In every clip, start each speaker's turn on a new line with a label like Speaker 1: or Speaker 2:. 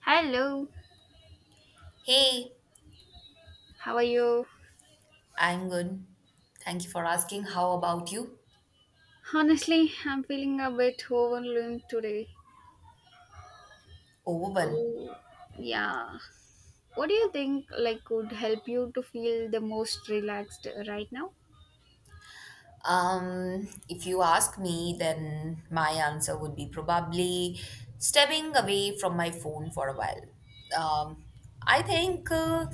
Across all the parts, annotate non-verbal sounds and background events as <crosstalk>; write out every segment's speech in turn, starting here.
Speaker 1: Hello,
Speaker 2: Hey,
Speaker 1: how are you?
Speaker 2: I'm good. Thank you for asking. How about you?
Speaker 1: Honestly, I'm feeling a bit overwhelmed today.
Speaker 2: Overwhelmed.
Speaker 1: Oh, yeah. What do you think like would help you to feel the most relaxed right now?
Speaker 2: If you ask me, then my answer would be probably stepping away from my phone for a while. Um, I think uh,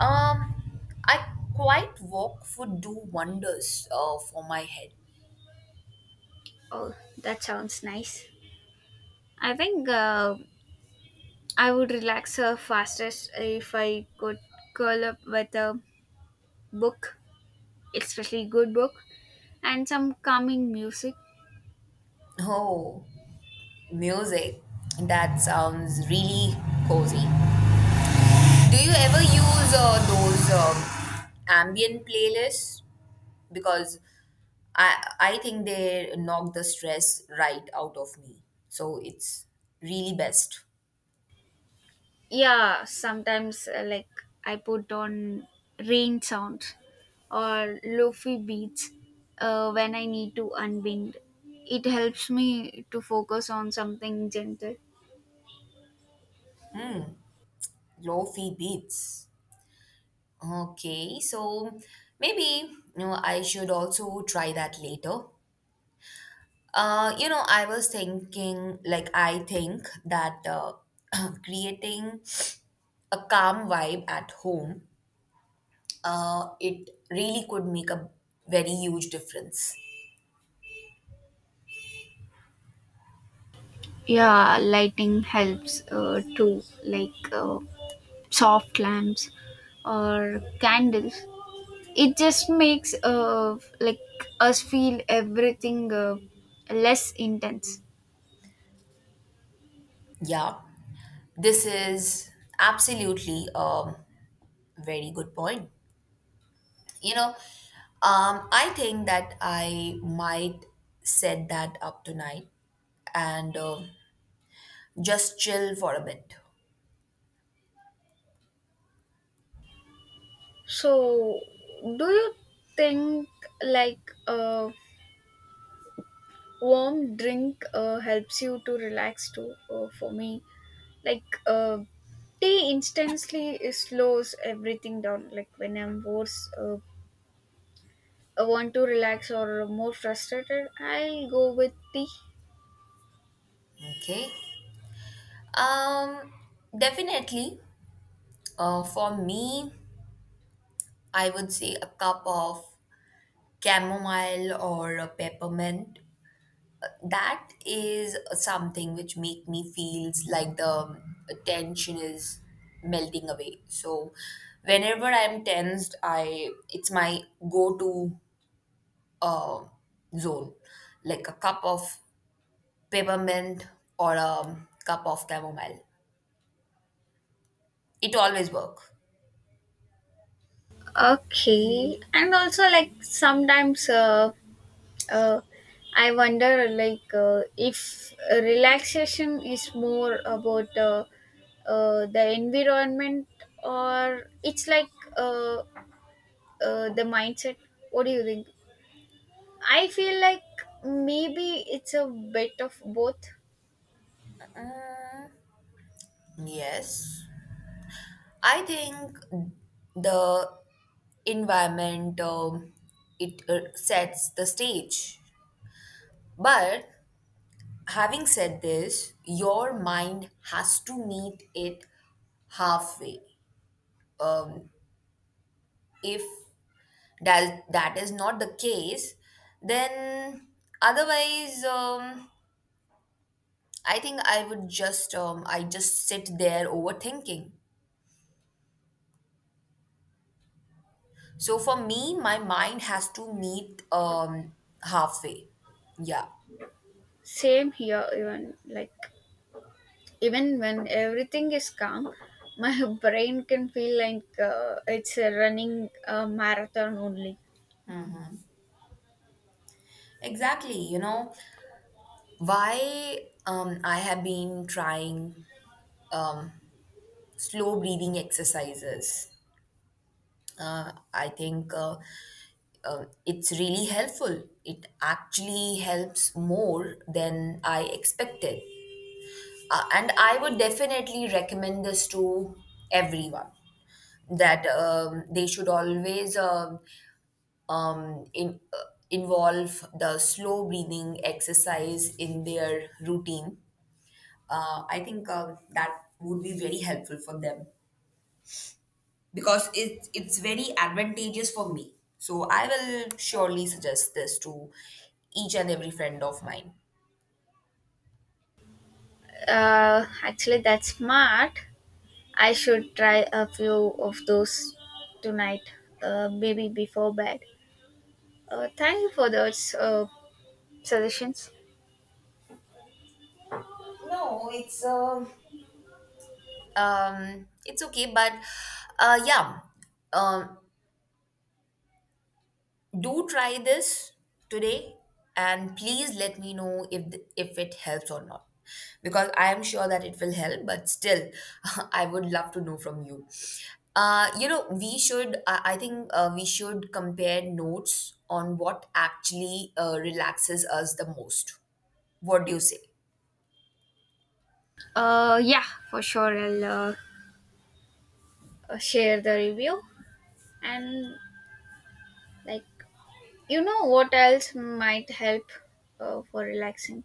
Speaker 2: um, I quite walk would do wonders for my head.
Speaker 1: Oh, that sounds nice. I think I would relax fastest if I could curl up with a book, especially good book, and some calming music.
Speaker 2: Oh, music. That sounds really cozy. Do you ever use those ambient playlists? because I I think they knock the stress right out of me. So it's really best.
Speaker 1: Yeah, sometimes, like I put on rain sounds or lofi beats when I need to unwind. It helps me to focus on something gentle.
Speaker 2: Lofi beats. Okay, so maybe you know I should also try that later. You know, I was thinking, like, I think that <clears throat> creating a calm vibe at home, it really could make a very huge difference.
Speaker 1: Yeah, lighting helps too, like soft lamps or candles. It just makes, like, us feel everything less intense.
Speaker 2: Yeah. This is absolutely a very good point. You know, I think that I might set that up tonight and just chill for a bit.
Speaker 1: So, do you think like a warm drink helps you to relax too? For me, like tea instantly slows everything down. Like when I'm worse, I want to relax or more frustrated, I'll go with tea.
Speaker 2: Okay. Um, Definitely. For me, I would say a cup of chamomile or a peppermint. That is something which make me feels like the tension is melting away. So whenever I'm tensed, I it's my go-to uh, zone, like a cup of peppermint or a cup of chamomile. It always work.
Speaker 1: Okay, and also like sometimes, uh, I wonder, like, if relaxation is more about, the environment, or it's like, uh, the mindset. What do you think? I feel like maybe it's a bit of both.
Speaker 2: Yes, I think the environment, it sets the stage. But having said this, your mind has to meet it halfway. Um, if that is not the case, then otherwise, I think I would just I just sit there overthinking. So for me, my mind has to meet halfway. Yeah,
Speaker 1: Same here, even like even when everything is calm, my <laughs> brain can feel like it's a running marathon only.
Speaker 2: exactly. You know why, I have been trying um, slow breathing exercises. I think It's really helpful. It actually helps more than I expected. And I would definitely recommend this to everyone that they should always um, in, uh, involve the slow breathing exercise in their routine. I think That would be very helpful for them. Because it's very advantageous for me. So I will surely suggest this to each and every friend of mine.
Speaker 1: Actually, that's smart. I should try a few of those tonight, maybe before bed. Thank you for those suggestions.
Speaker 2: No, it's okay, but uh, yeah, um, do try this today and please let me know if it helps or not, because I am sure that it will help, but still <laughs> I would love to know from you. You know, we should, I think we should compare notes on what actually relaxes us the most. What do you say?
Speaker 1: Yeah, for sure. I'll share the review, and like, you know what else might help for relaxing.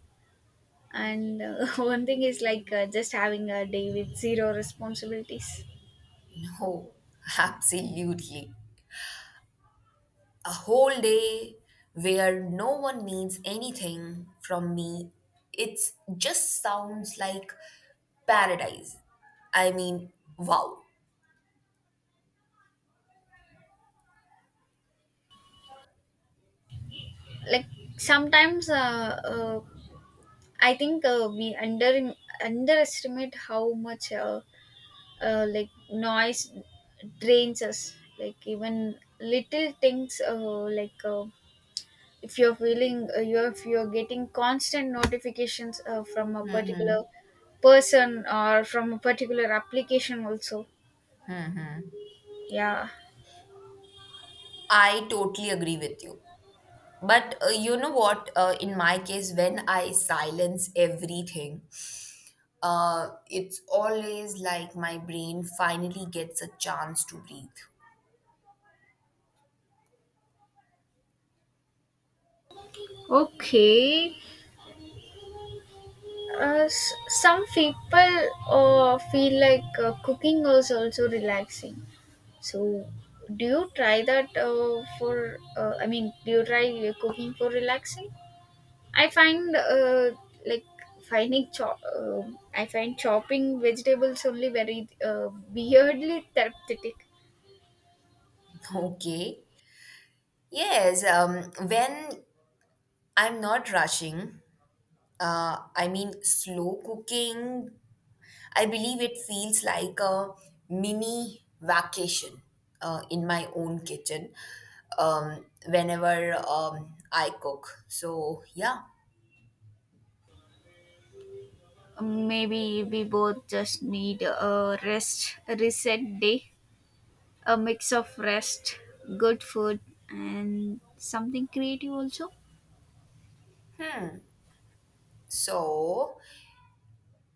Speaker 1: And <laughs> one thing is like just having a day with zero responsibilities.
Speaker 2: No, <laughs> absolutely. A whole day where no one needs anything from me, it just sounds like paradise. I mean, wow.
Speaker 1: Like sometimes, uh, I think we underestimate how much, like, noise drains us. Like even little things, like, if you're feeling, you if you're getting constant notifications from a particular person or from a particular application also. Yeah.
Speaker 2: I totally agree with you. But you know what, in my case, when I silence everything, it's always like my brain finally gets a chance to breathe.
Speaker 1: Okay. Uh, s- some people feel like cooking is also relaxing. So, do you try that for? I mean, do you try cooking for relaxing? I find, like, finding chop. I find chopping vegetables only very weirdly therapeutic.
Speaker 2: <laughs> Okay. Yes. When I'm not rushing, I mean, slow cooking, I believe it feels like a mini vacation in my own kitchen whenever I cook. So, yeah.
Speaker 1: Maybe we both just need a rest, a reset day, a mix of rest, good food, and something creative also.
Speaker 2: So,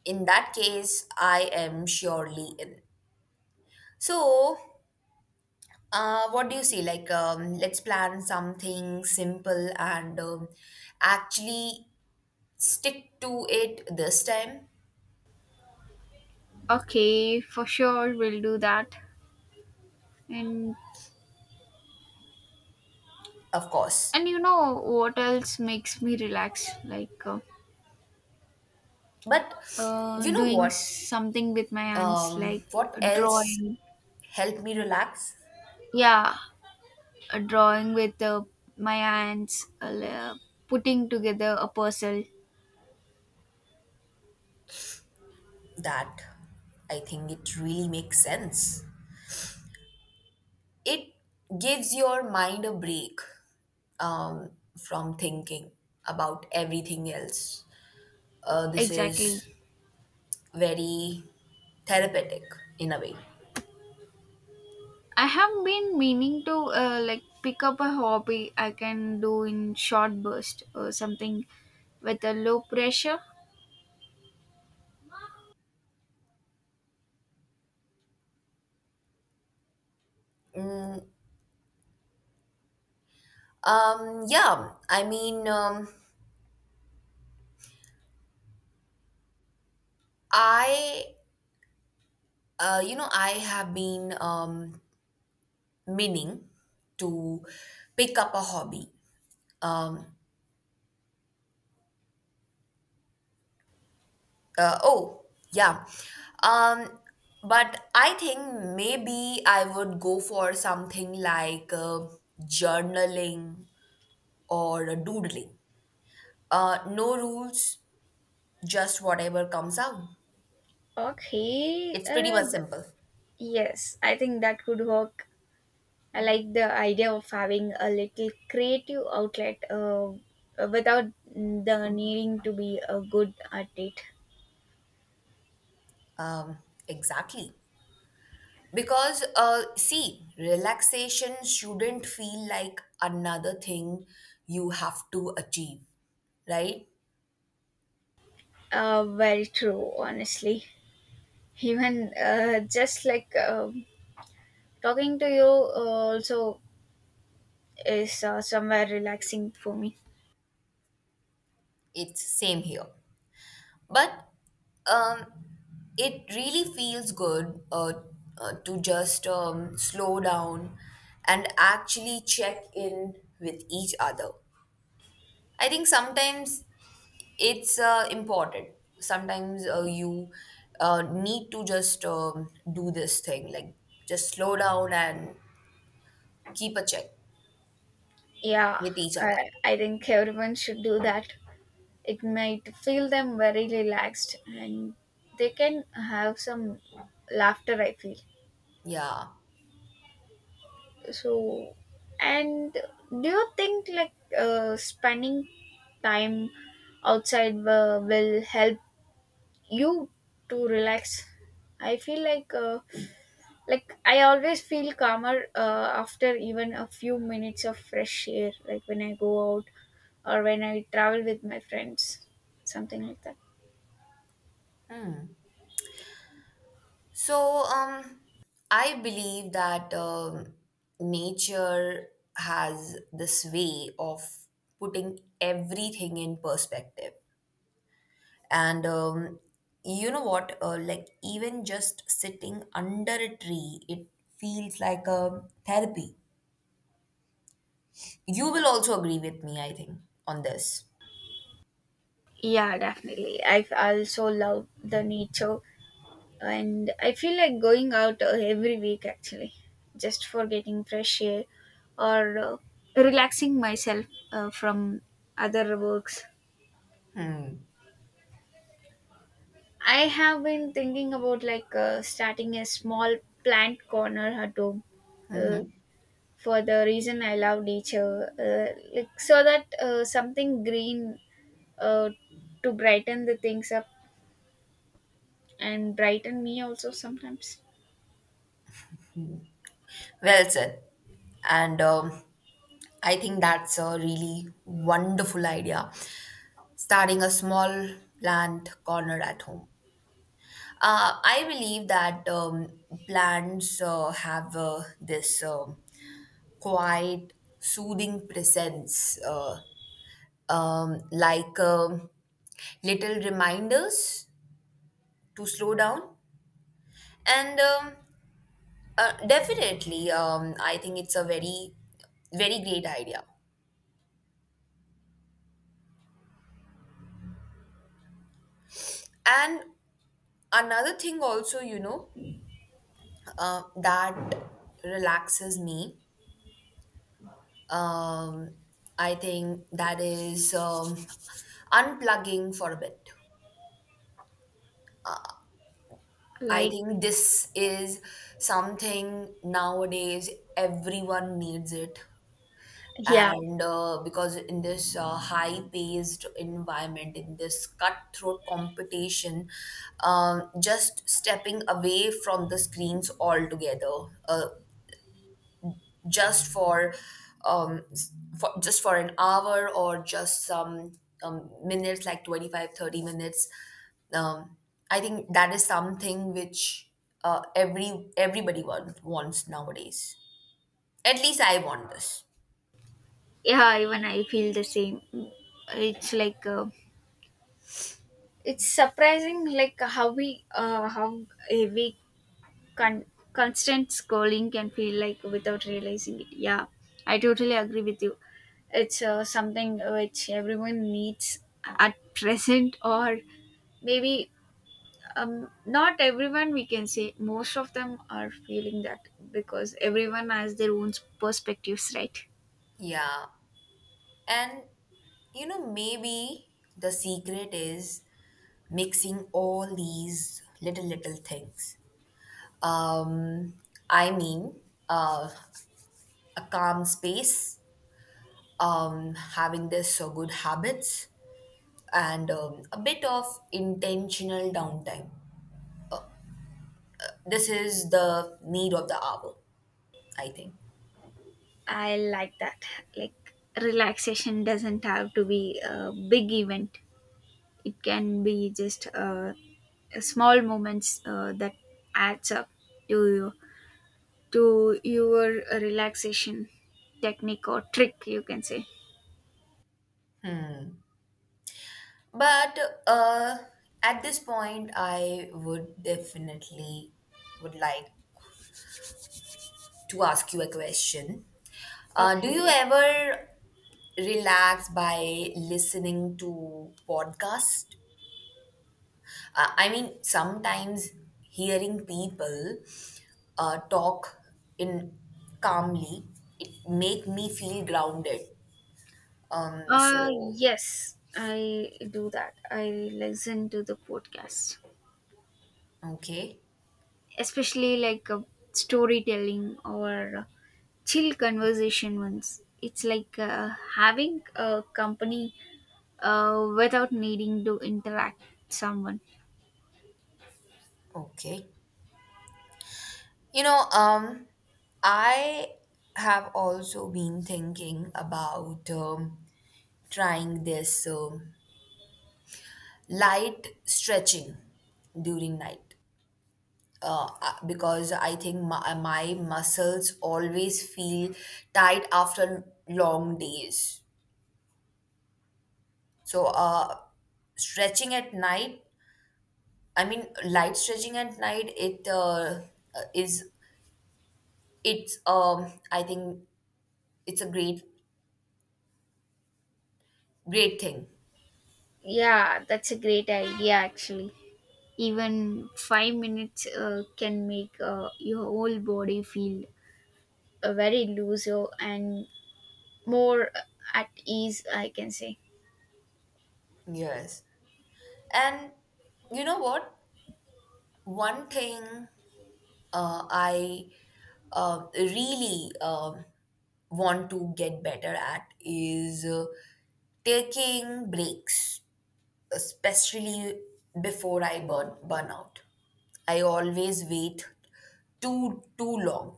Speaker 2: in that case, I am surely in. So, what do you say? Like, let's plan something simple and actually stick to it this time,
Speaker 1: Okay, for sure we'll do that. And
Speaker 2: of course.
Speaker 1: And you know what else makes me relax? Like,
Speaker 2: But you know
Speaker 1: doing
Speaker 2: what?
Speaker 1: something with my hands, like
Speaker 2: What else
Speaker 1: drawing.
Speaker 2: helped me relax?
Speaker 1: Yeah, drawing with my hands, putting together a puzzle.
Speaker 2: That, I think it really makes sense. It gives your mind a break from thinking about everything else. This is
Speaker 1: Exactly.
Speaker 2: very therapeutic in a way.
Speaker 1: I have been meaning to, like, pick up a hobby I can do in short burst or something with a low pressure.
Speaker 2: Um, yeah, I mean, um, I, you know, I have been meaning to pick up a hobby. Um, uh, oh, yeah. Um, but I think maybe I would go for something like journaling or doodling. No rules, just whatever comes out.
Speaker 1: Okay.
Speaker 2: It's pretty much simple.
Speaker 1: Yes, I think that could work. I like the idea of having a little creative outlet without the needing to be a good at it.
Speaker 2: Um, exactly. Because, see, relaxation shouldn't feel like another thing you have to achieve, right?
Speaker 1: Very true, honestly. Even, just like talking to you also is somewhere relaxing for me.
Speaker 2: It's same here. But um, it really feels good to just slow down and actually check in with each other. I think sometimes it's important. Sometimes you need to just do this thing, like just slow down and keep a check
Speaker 1: Yeah,
Speaker 2: with each other.
Speaker 1: I think everyone should do that. It might feel them very relaxed and they can have some laughter, I feel.
Speaker 2: Yeah.
Speaker 1: So, and do you think like spending time outside will help you to relax? I feel like, like, I always feel calmer after even a few minutes of fresh air, like when I go out, or when I travel with my friends, something like that.
Speaker 2: So, I believe that nature has this way of putting everything in perspective. And you know what? Like, even just sitting under a tree, it feels like a therapy. You will also agree with me, I think, on this.
Speaker 1: Yeah, definitely. I also love the nature, and I feel like going out every week actually, just for getting fresh air or relaxing myself from other works. I have been thinking about, like, starting a small plant corner at home uh, for the reason I love nature, like so that something green uh, to brighten the things up and brighten me also sometimes.
Speaker 2: Well said. And I think that's a really wonderful idea. Starting a small plant corner at home. I believe that plants have this quiet, soothing presence, like little reminders to slow down. And definitely, I think it's a very, very great idea. And another thing, also, you know, that relaxes me, Um, I think that is unplugging for a bit. I
Speaker 1: Like
Speaker 2: think this is something nowadays everyone needs it.
Speaker 1: yeah,
Speaker 2: And because in this high paced environment, in this cutthroat competition, just stepping away from the screens altogether, just for um s- for just for an hour or just some minutes, like 25, 30 minutes, um, I think that is something which everybody wants nowadays. At least I want this.
Speaker 1: yeah, even I feel the same. It's like, it's surprising like how we, how heavy con- constant scrolling can feel like without realizing it. Yeah, I totally agree with you. It's something which everyone needs at present, or maybe, not everyone, we can say most of them are feeling that, because everyone has their own perspectives, right?
Speaker 2: Yeah, and you know, maybe the secret is mixing all these little little things. um i mean uh, a calm space, having this good habits, and a bit of intentional downtime. This is the need of the hour, I think.
Speaker 1: I like that. Like relaxation doesn't have to be a big event. It can be just small moments that adds up to you, to your relaxation technique or trick, you can say.
Speaker 2: But uh, at this point, I would definitely would like to ask you a question. Do
Speaker 1: Okay.
Speaker 2: you ever relax by listening to podcast? I mean, sometimes hearing people talk in calmly, it make me feel grounded. Um, so
Speaker 1: Yes, I do that. I listen to the podcast,
Speaker 2: okay,
Speaker 1: especially like storytelling or chill conversation ones. It's like having a company without needing to interact with someone.
Speaker 2: okay. You know, I have also been thinking about trying this light stretching during night. Because I think my muscles always feel tight after long days. So, stretching at night, I mean, light stretching at night, uh, is, I think it's a great, great thing.
Speaker 1: Yeah, that's a great idea actually. Even 5 minutes can make your whole body feel very looser and more at ease, I can say.
Speaker 2: Yes. And you know what? One thing I really want to get better at is taking breaks, especially before I burn out. I always wait too long.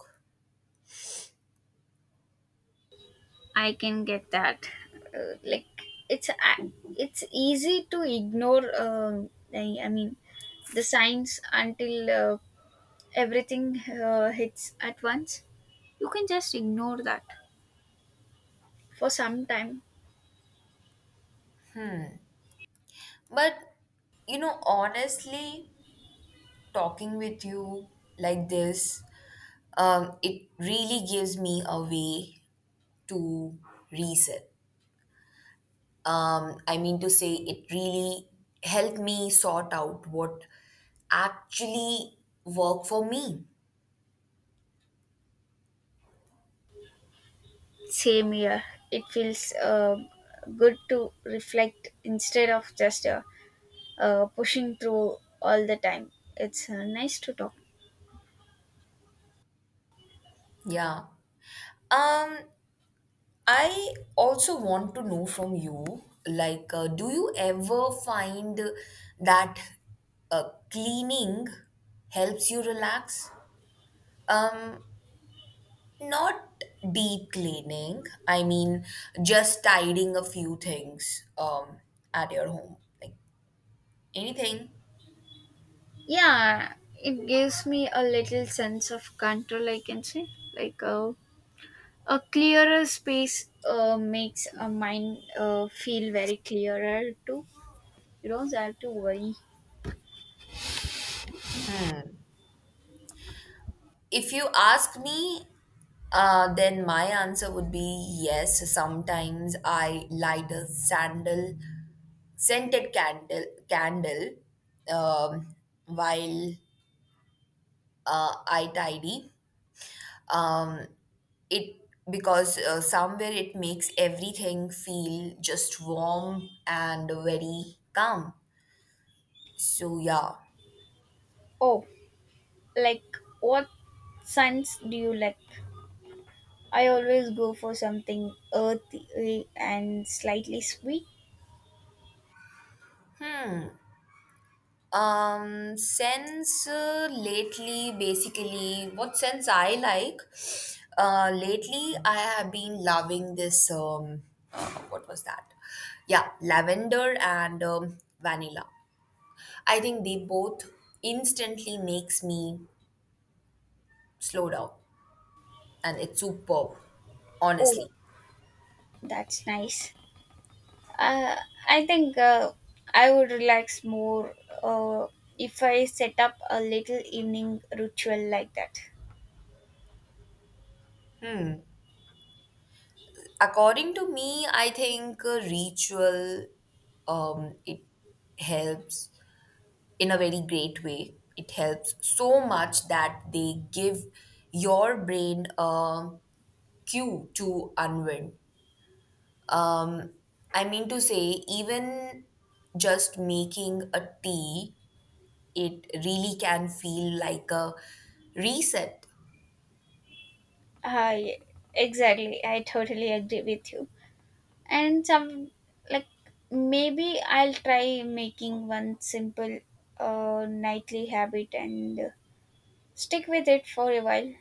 Speaker 1: I can get that. Like it's a- it's easy to ignore. I mean the signs until everything hits at once. You can just ignore that. For some time,
Speaker 2: But you know, honestly, talking with you like this, it really gives me a way to reset. I mean to say, it really helped me sort out what actually worked for me.
Speaker 1: same year, it feels good to reflect instead of just, pushing through all the time. It's nice to talk.
Speaker 2: Yeah. Um, I also want to know from you, like, do you ever find that cleaning helps you relax? Um, Not deep cleaning. I mean, just tidying a few things at your home, like anything.
Speaker 1: Yeah, it gives me a little sense of control, I can say. Like a clearer space. Makes a mind feel very clearer too. You don't have to worry.
Speaker 2: If you ask me, then my answer would be yes. Sometimes I light a sandal scented candle um, while I tidy. Um, it because somewhere it makes everything feel just warm and very calm. So yeah,
Speaker 1: Oh, like, what scents do you like? I always go for something earthy and slightly sweet.
Speaker 2: Scents lately, basically, what sense I like? Lately, I have been loving this. What was that? Yeah, lavender and vanilla. I think they both instantly makes me slow down, and it's superb, honestly.
Speaker 1: Oh, that's nice. Uh, I think I would relax more uh, if I set up a little evening ritual like that.
Speaker 2: Hmm. According to me, I think ritual, it helps in a very great way. It helps so much that they give your brain a cue to unwind. Um, I mean to say, even just making a tea, it really can feel like a reset.
Speaker 1: I Exactly. I totally agree with you. And some like, maybe I'll try making one simple nightly habit and stick with it for a while.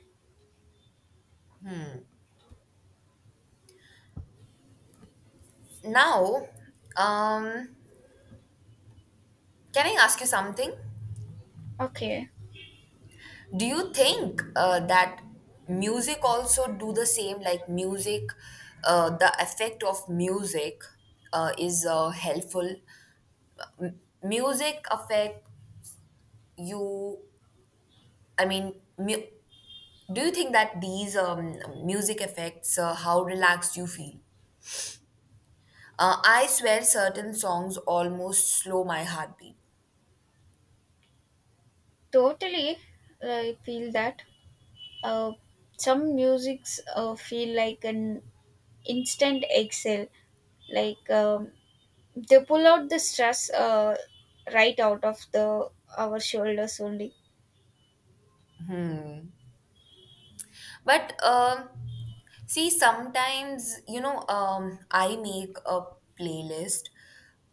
Speaker 2: Now, um, can I ask you something?
Speaker 1: Okay,
Speaker 2: Do you think that music also do the same? Like music, the effect of music is helpful. Music affect you. I mean, do you think that these music affects how relaxed you feel? I swear, certain songs almost slow my heartbeat.
Speaker 1: totally. I feel that uh, some musics feel like an instant exhale, like, they pull out the stress right out of the our shoulders only.
Speaker 2: But See, sometimes, you know, I make a playlist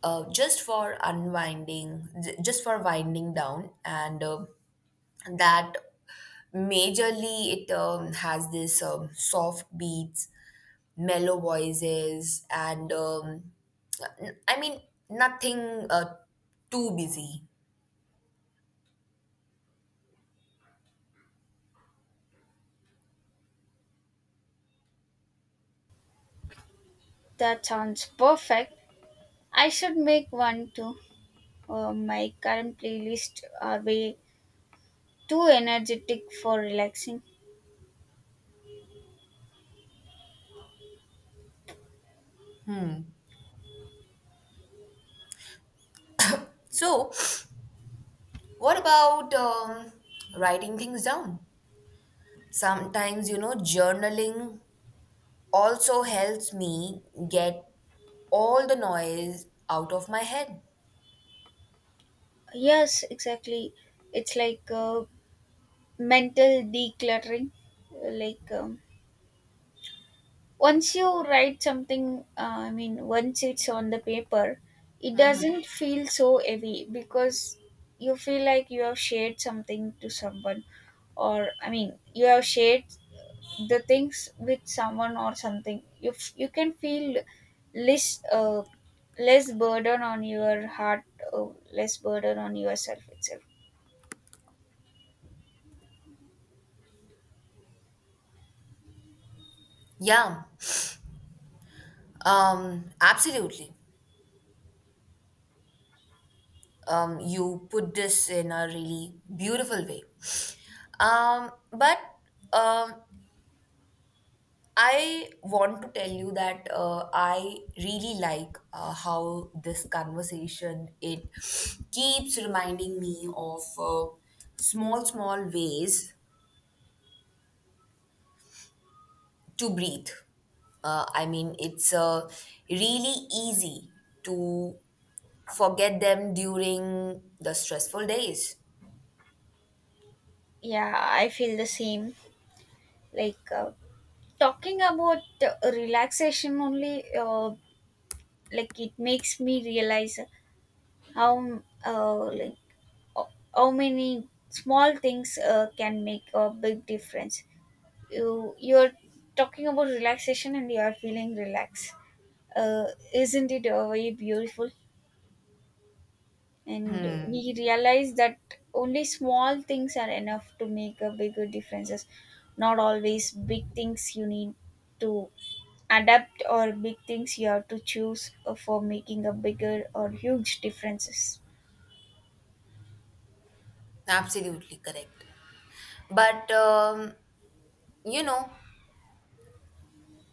Speaker 2: just for winding down, and that majorly it has this soft beats, mellow voices, and I mean, nothing too busy.
Speaker 1: That sounds perfect. I should make one too. My current playlist are way too energetic for relaxing.
Speaker 2: So, what about writing things down? Sometimes, you know, journaling also helps me get all the noise out of my head.
Speaker 1: Yes, exactly. It's like, mental decluttering, like, once you write something, I mean, once it's on the paper, it doesn't feel so heavy, because you feel like you have shared something to someone, or I mean you have shared the things with someone or something you, you can feel less, less burden on your heart, uh, less burden on yourself itself.
Speaker 2: Yeah, absolutely. You put this in a really beautiful way. But um, I want to tell you that I really like how this conversation it keeps reminding me of small, small ways to breathe. I mean, it's really easy to forget them during the stressful days.
Speaker 1: Yeah, I feel the same. Like, talking about relaxation only, like, it makes me realize how, like, uh, how many small things can make a big difference. You're talking about relaxation and you are feeling relaxed, uh, isn't it very beautiful? And
Speaker 2: Hmm,
Speaker 1: we realize that only small things are enough to make a bigger differences, not always big things you need to adapt, or big things you have to choose for making a bigger or huge differences.
Speaker 2: absolutely correct. But, you know,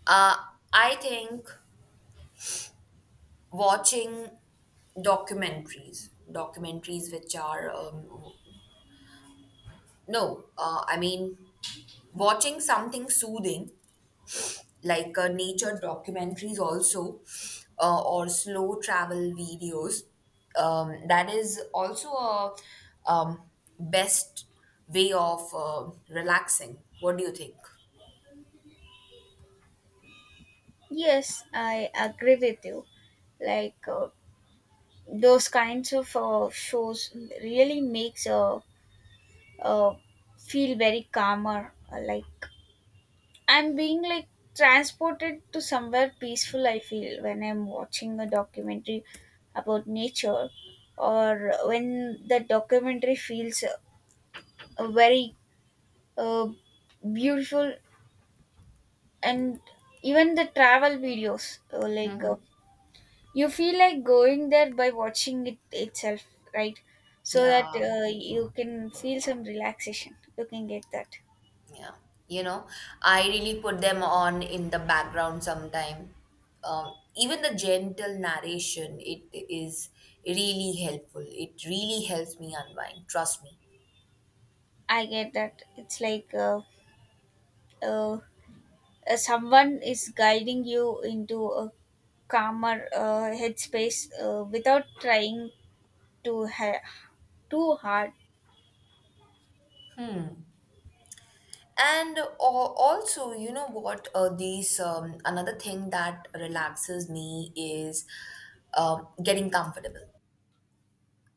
Speaker 2: uh, I think watching documentaries which are, no, I mean, watching something soothing, like nature documentaries also, or slow travel videos, that is also a um, best way of relaxing. What do you think?
Speaker 1: Yes, I agree with you. Like, those kinds of shows really makes, uh, feel very calmer. Like I'm being like transported to somewhere peaceful, I feel, when I'm watching a documentary about nature, or when the documentary feels, very uh, beautiful. And even the travel videos, like, you feel like going there by watching it itself, right? So that
Speaker 2: Yeah,
Speaker 1: you can feel some relaxation, you can get that.
Speaker 2: yeah, you know, I really put them on in the background sometime. Even the gentle narration, it is really helpful. It really helps me unwind, trust me.
Speaker 1: I get that. It's like, uh, someone is guiding you into a calmer headspace without trying to ha- too hard.
Speaker 2: And also, you know what? These Another thing that relaxes me is getting comfortable.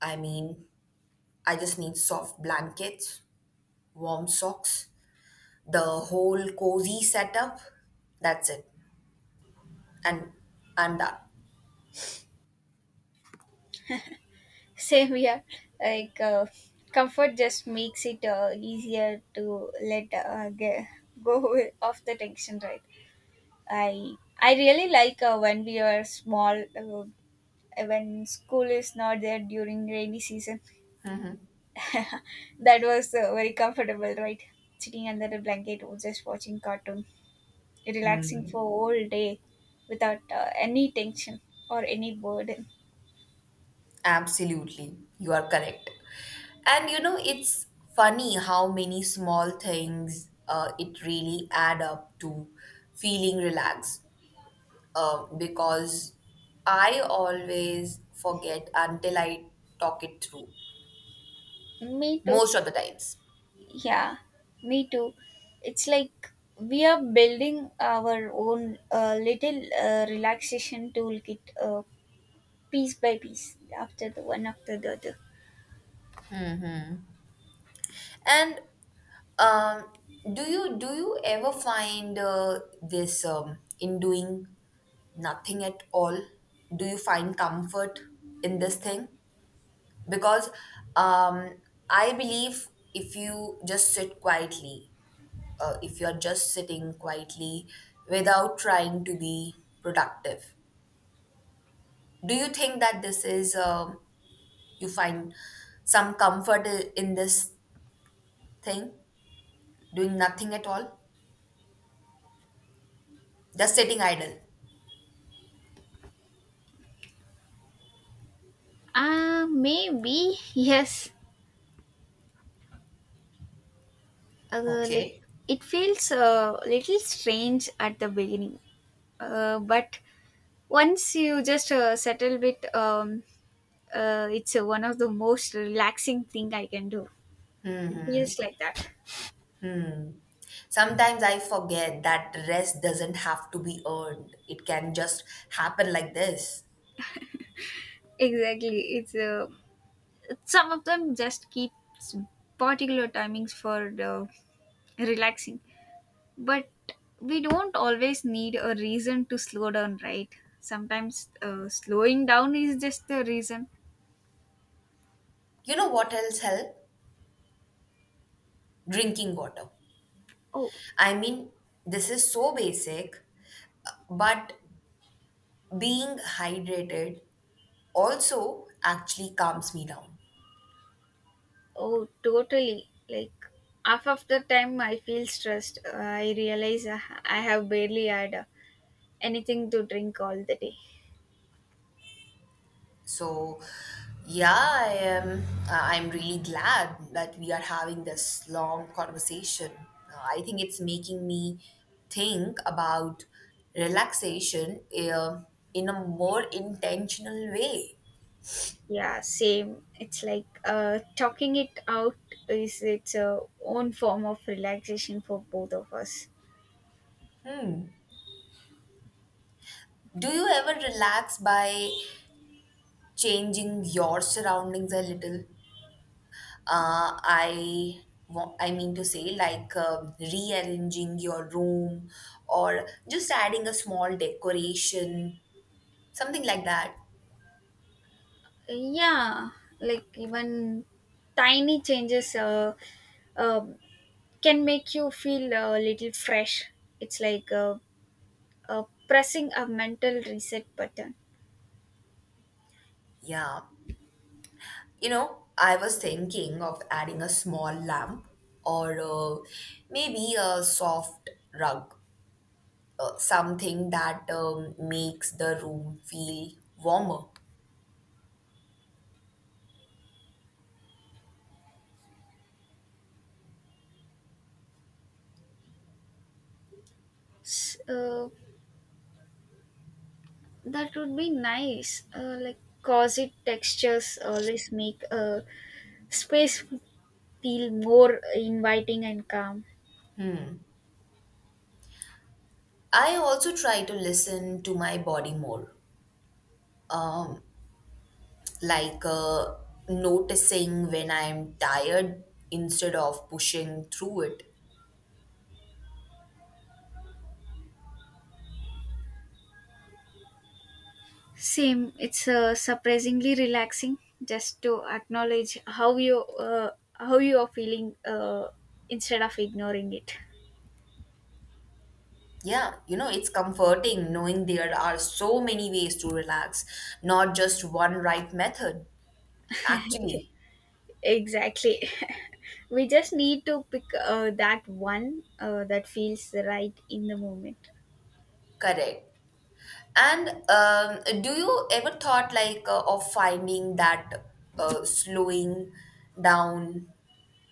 Speaker 2: I mean, I just need soft blankets, warm socks, the whole cozy setup. That's it, and I'm done.
Speaker 1: Same here. Like, comfort just makes it easier to let, go off the tension, right? I I really like when we are small, when school is not there during rainy season. <laughs> That was very comfortable, right? Sitting under the blanket, or just watching cartoon, relaxing for
Speaker 2: Hmm.
Speaker 1: whole day, without any tension or any burden.
Speaker 2: Absolutely, you are correct. And you know, it's funny how many small things it really add up to feeling relaxed. Because I always forget until I talk it through
Speaker 1: Me too.
Speaker 2: most of the times.
Speaker 1: Yeah, me too. It's like we are building our own little relaxation toolkit piece by piece, after the one after the other.
Speaker 2: And um, do you ever find this in doing nothing at all? Do you find comfort in this thing? Because um, I believe if you just sit quietly, if you're just sitting quietly without trying to be productive. Do you think that this is, you find some comfort in this thing, doing nothing at all, just sitting idle?
Speaker 1: Maybe, <laughs> yes. Like
Speaker 2: Okay.
Speaker 1: it feels a little strange at the beginning, but once you just settle bit, it's one of the most relaxing thing I can do. It feels like that.
Speaker 2: Sometimes I forget that rest doesn't have to be earned. It can just happen like this.
Speaker 1: Exactly, it's some of them just keep s- particular timings for the relaxing, but we don't always need a reason to slow down, right? Sometimes slowing down is just the reason.
Speaker 2: You know what else help? Drinking water.
Speaker 1: Oh,
Speaker 2: I mean, this is so basic, but being hydrated also actually calms me down.
Speaker 1: oh, totally. Like half of the time I feel stressed, I realize I have barely had anything to drink all the day.
Speaker 2: So, yeah, I am. I'm really glad that we are having this long conversation. I think it's making me think about relaxation in a more intentional way.
Speaker 1: Yeah, same. It's like talking it out is its own form of relaxation for both of us.
Speaker 2: Hmm. Do you ever relax by changing your surroundings a little? I I mean to say, like rearranging your room or just adding a small decoration. Something like that.
Speaker 1: Yeah, like even tiny changes, uh, can make you feel a little fresh. It's like, pressing a mental reset button.
Speaker 2: Yeah. You know, I was thinking of adding a small lamp or maybe a soft rug, something that makes the room feel warmer.
Speaker 1: S- uh, that would be nice, like cozy textures always make a space feel more inviting and calm.
Speaker 2: I also try to listen to my body more, um, like noticing when I'm tired instead of pushing through it.
Speaker 1: Same. It's surprisingly relaxing just to acknowledge how you are feeling, instead of ignoring it.
Speaker 2: Yeah, you know, it's comforting knowing there are so many ways to relax, not just one right method.
Speaker 1: <laughs>
Speaker 2: Actually,
Speaker 1: Exactly. <laughs> We just need to pick that one that feels right in the moment.
Speaker 2: correct. And Do you ever thought of finding that slowing down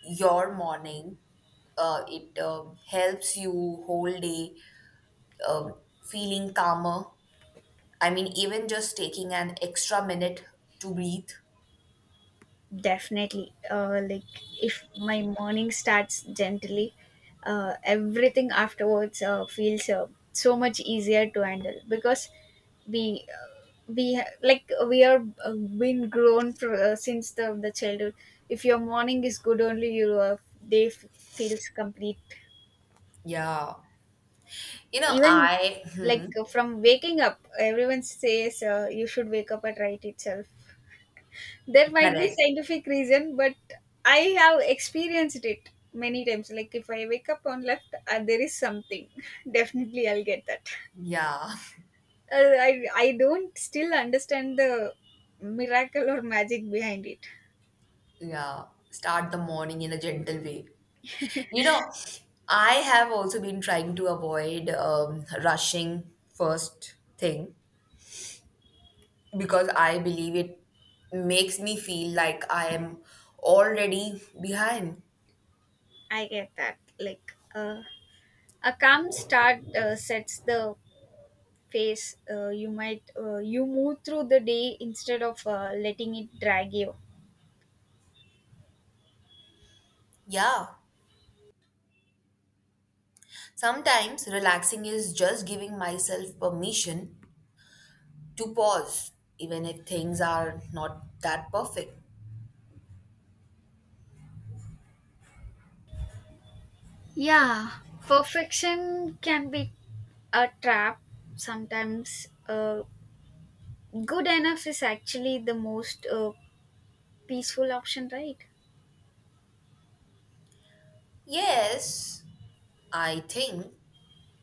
Speaker 2: your morning? It helps you whole day, um, feeling calmer. I mean, even just taking an extra minute to breathe.
Speaker 1: Definitely. Like if my morning starts gently, everything afterwards feels so much easier to handle, because like we are been grown for, since the childhood. If your morning is good, only your day f- feels complete.
Speaker 2: Yeah. You know,
Speaker 1: Even
Speaker 2: I, <laughs>
Speaker 1: like, from waking up, everyone says you should wake up at right itself. There might be
Speaker 2: correct.
Speaker 1: scientific reason, but I have experienced it many times. Like if I wake up on left, there is something, <laughs> definitely I'll get that.
Speaker 2: Yeah,
Speaker 1: I don't still understand the miracle or magic behind it.
Speaker 2: <laughs> yeah. Start the morning in a gentle way. You know, I have also been trying to avoid rushing first thing because I believe it makes me feel like I am already behind.
Speaker 1: I get that, like, a calm start sets the pace, you might, you move through the day instead of letting it drag you.
Speaker 2: Yeah. Sometimes relaxing is just giving myself permission to pause, even if things are not that perfect.
Speaker 1: Yeah, perfection can be a trap. Sometimes good enough is actually the most peaceful option, right?
Speaker 2: Yes, I think,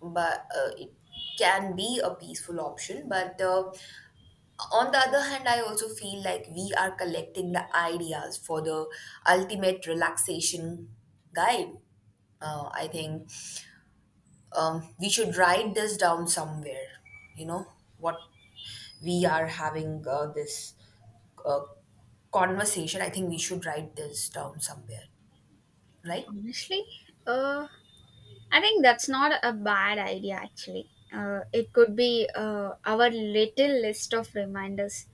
Speaker 2: but it can be a peaceful option, but on the other hand, I also feel like we are collecting the ideas for the ultimate relaxation guide. I think we should write this down somewhere. You know what, we are having this uh, conversation. I think we should write this down somewhere, right?
Speaker 1: Honestly, uh, I think that's not a bad idea actually. It could be our little list of reminders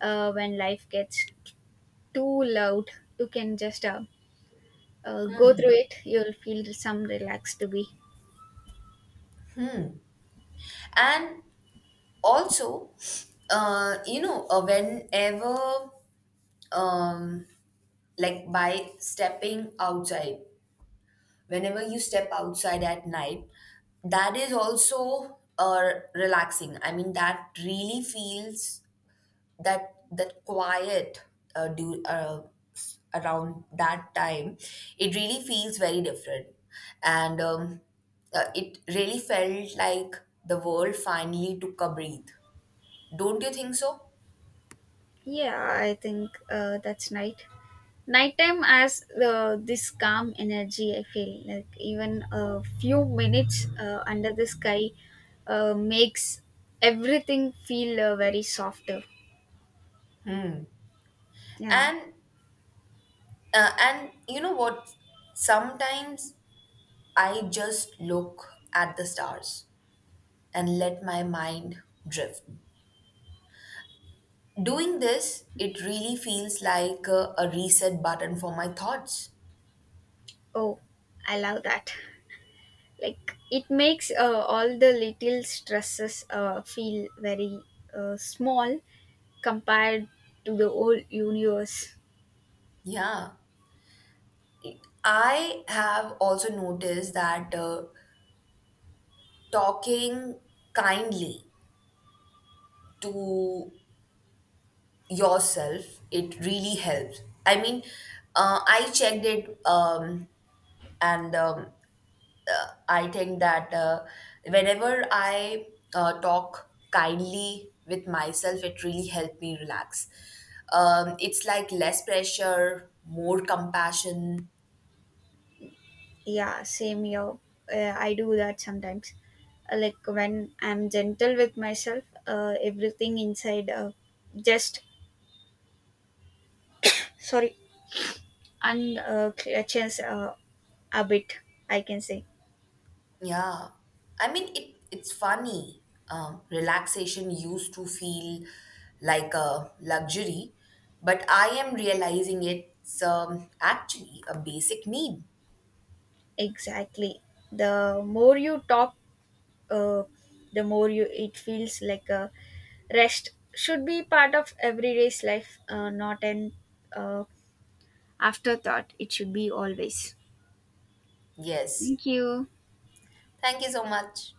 Speaker 1: when life gets too loud. You can just, go through it, you'll feel some relaxed to be.
Speaker 2: And also, you know, whenever, um, like by stepping outside, whenever you step outside at night, that is also relaxing. I mean, that really feels, that quiet, uh, do, uh, around that time it really feels very different. And it really felt like the world finally took a breath. Don't you think so?
Speaker 1: Yeah, I think that's night. Nighttime has this calm energy. I feel like even a few minutes under the sky makes everything feel very softer. Yeah.
Speaker 2: And and you know what, sometimes I just look at the stars and let my mind drift. Doing this, it really feels like a reset button for my thoughts.
Speaker 1: Oh, I love that. Like it makes all the little stresses feel very, small compared to the whole universe.
Speaker 2: Yeah. I have also noticed that talking kindly to yourself, it really helps. I mean, I checked it, and I think that, whenever I talk kindly with myself, it really helped me relax. It's like less pressure, more compassion.
Speaker 1: Yeah, same here. I do that sometimes. Like when I'm gentle with myself, everything inside just sorry and clutches a bit, I can say.
Speaker 2: Yeah, I mean it. It's funny. Relaxation used to feel like a luxury, but I am realizing it's, actually a basic need.
Speaker 1: Exactly. The more you talk, uh, the more you, it feels like a rest should be part of everyday's life, not an uh, afterthought. It should be always.
Speaker 2: Yes.
Speaker 1: Thank you.
Speaker 2: Thank you so much.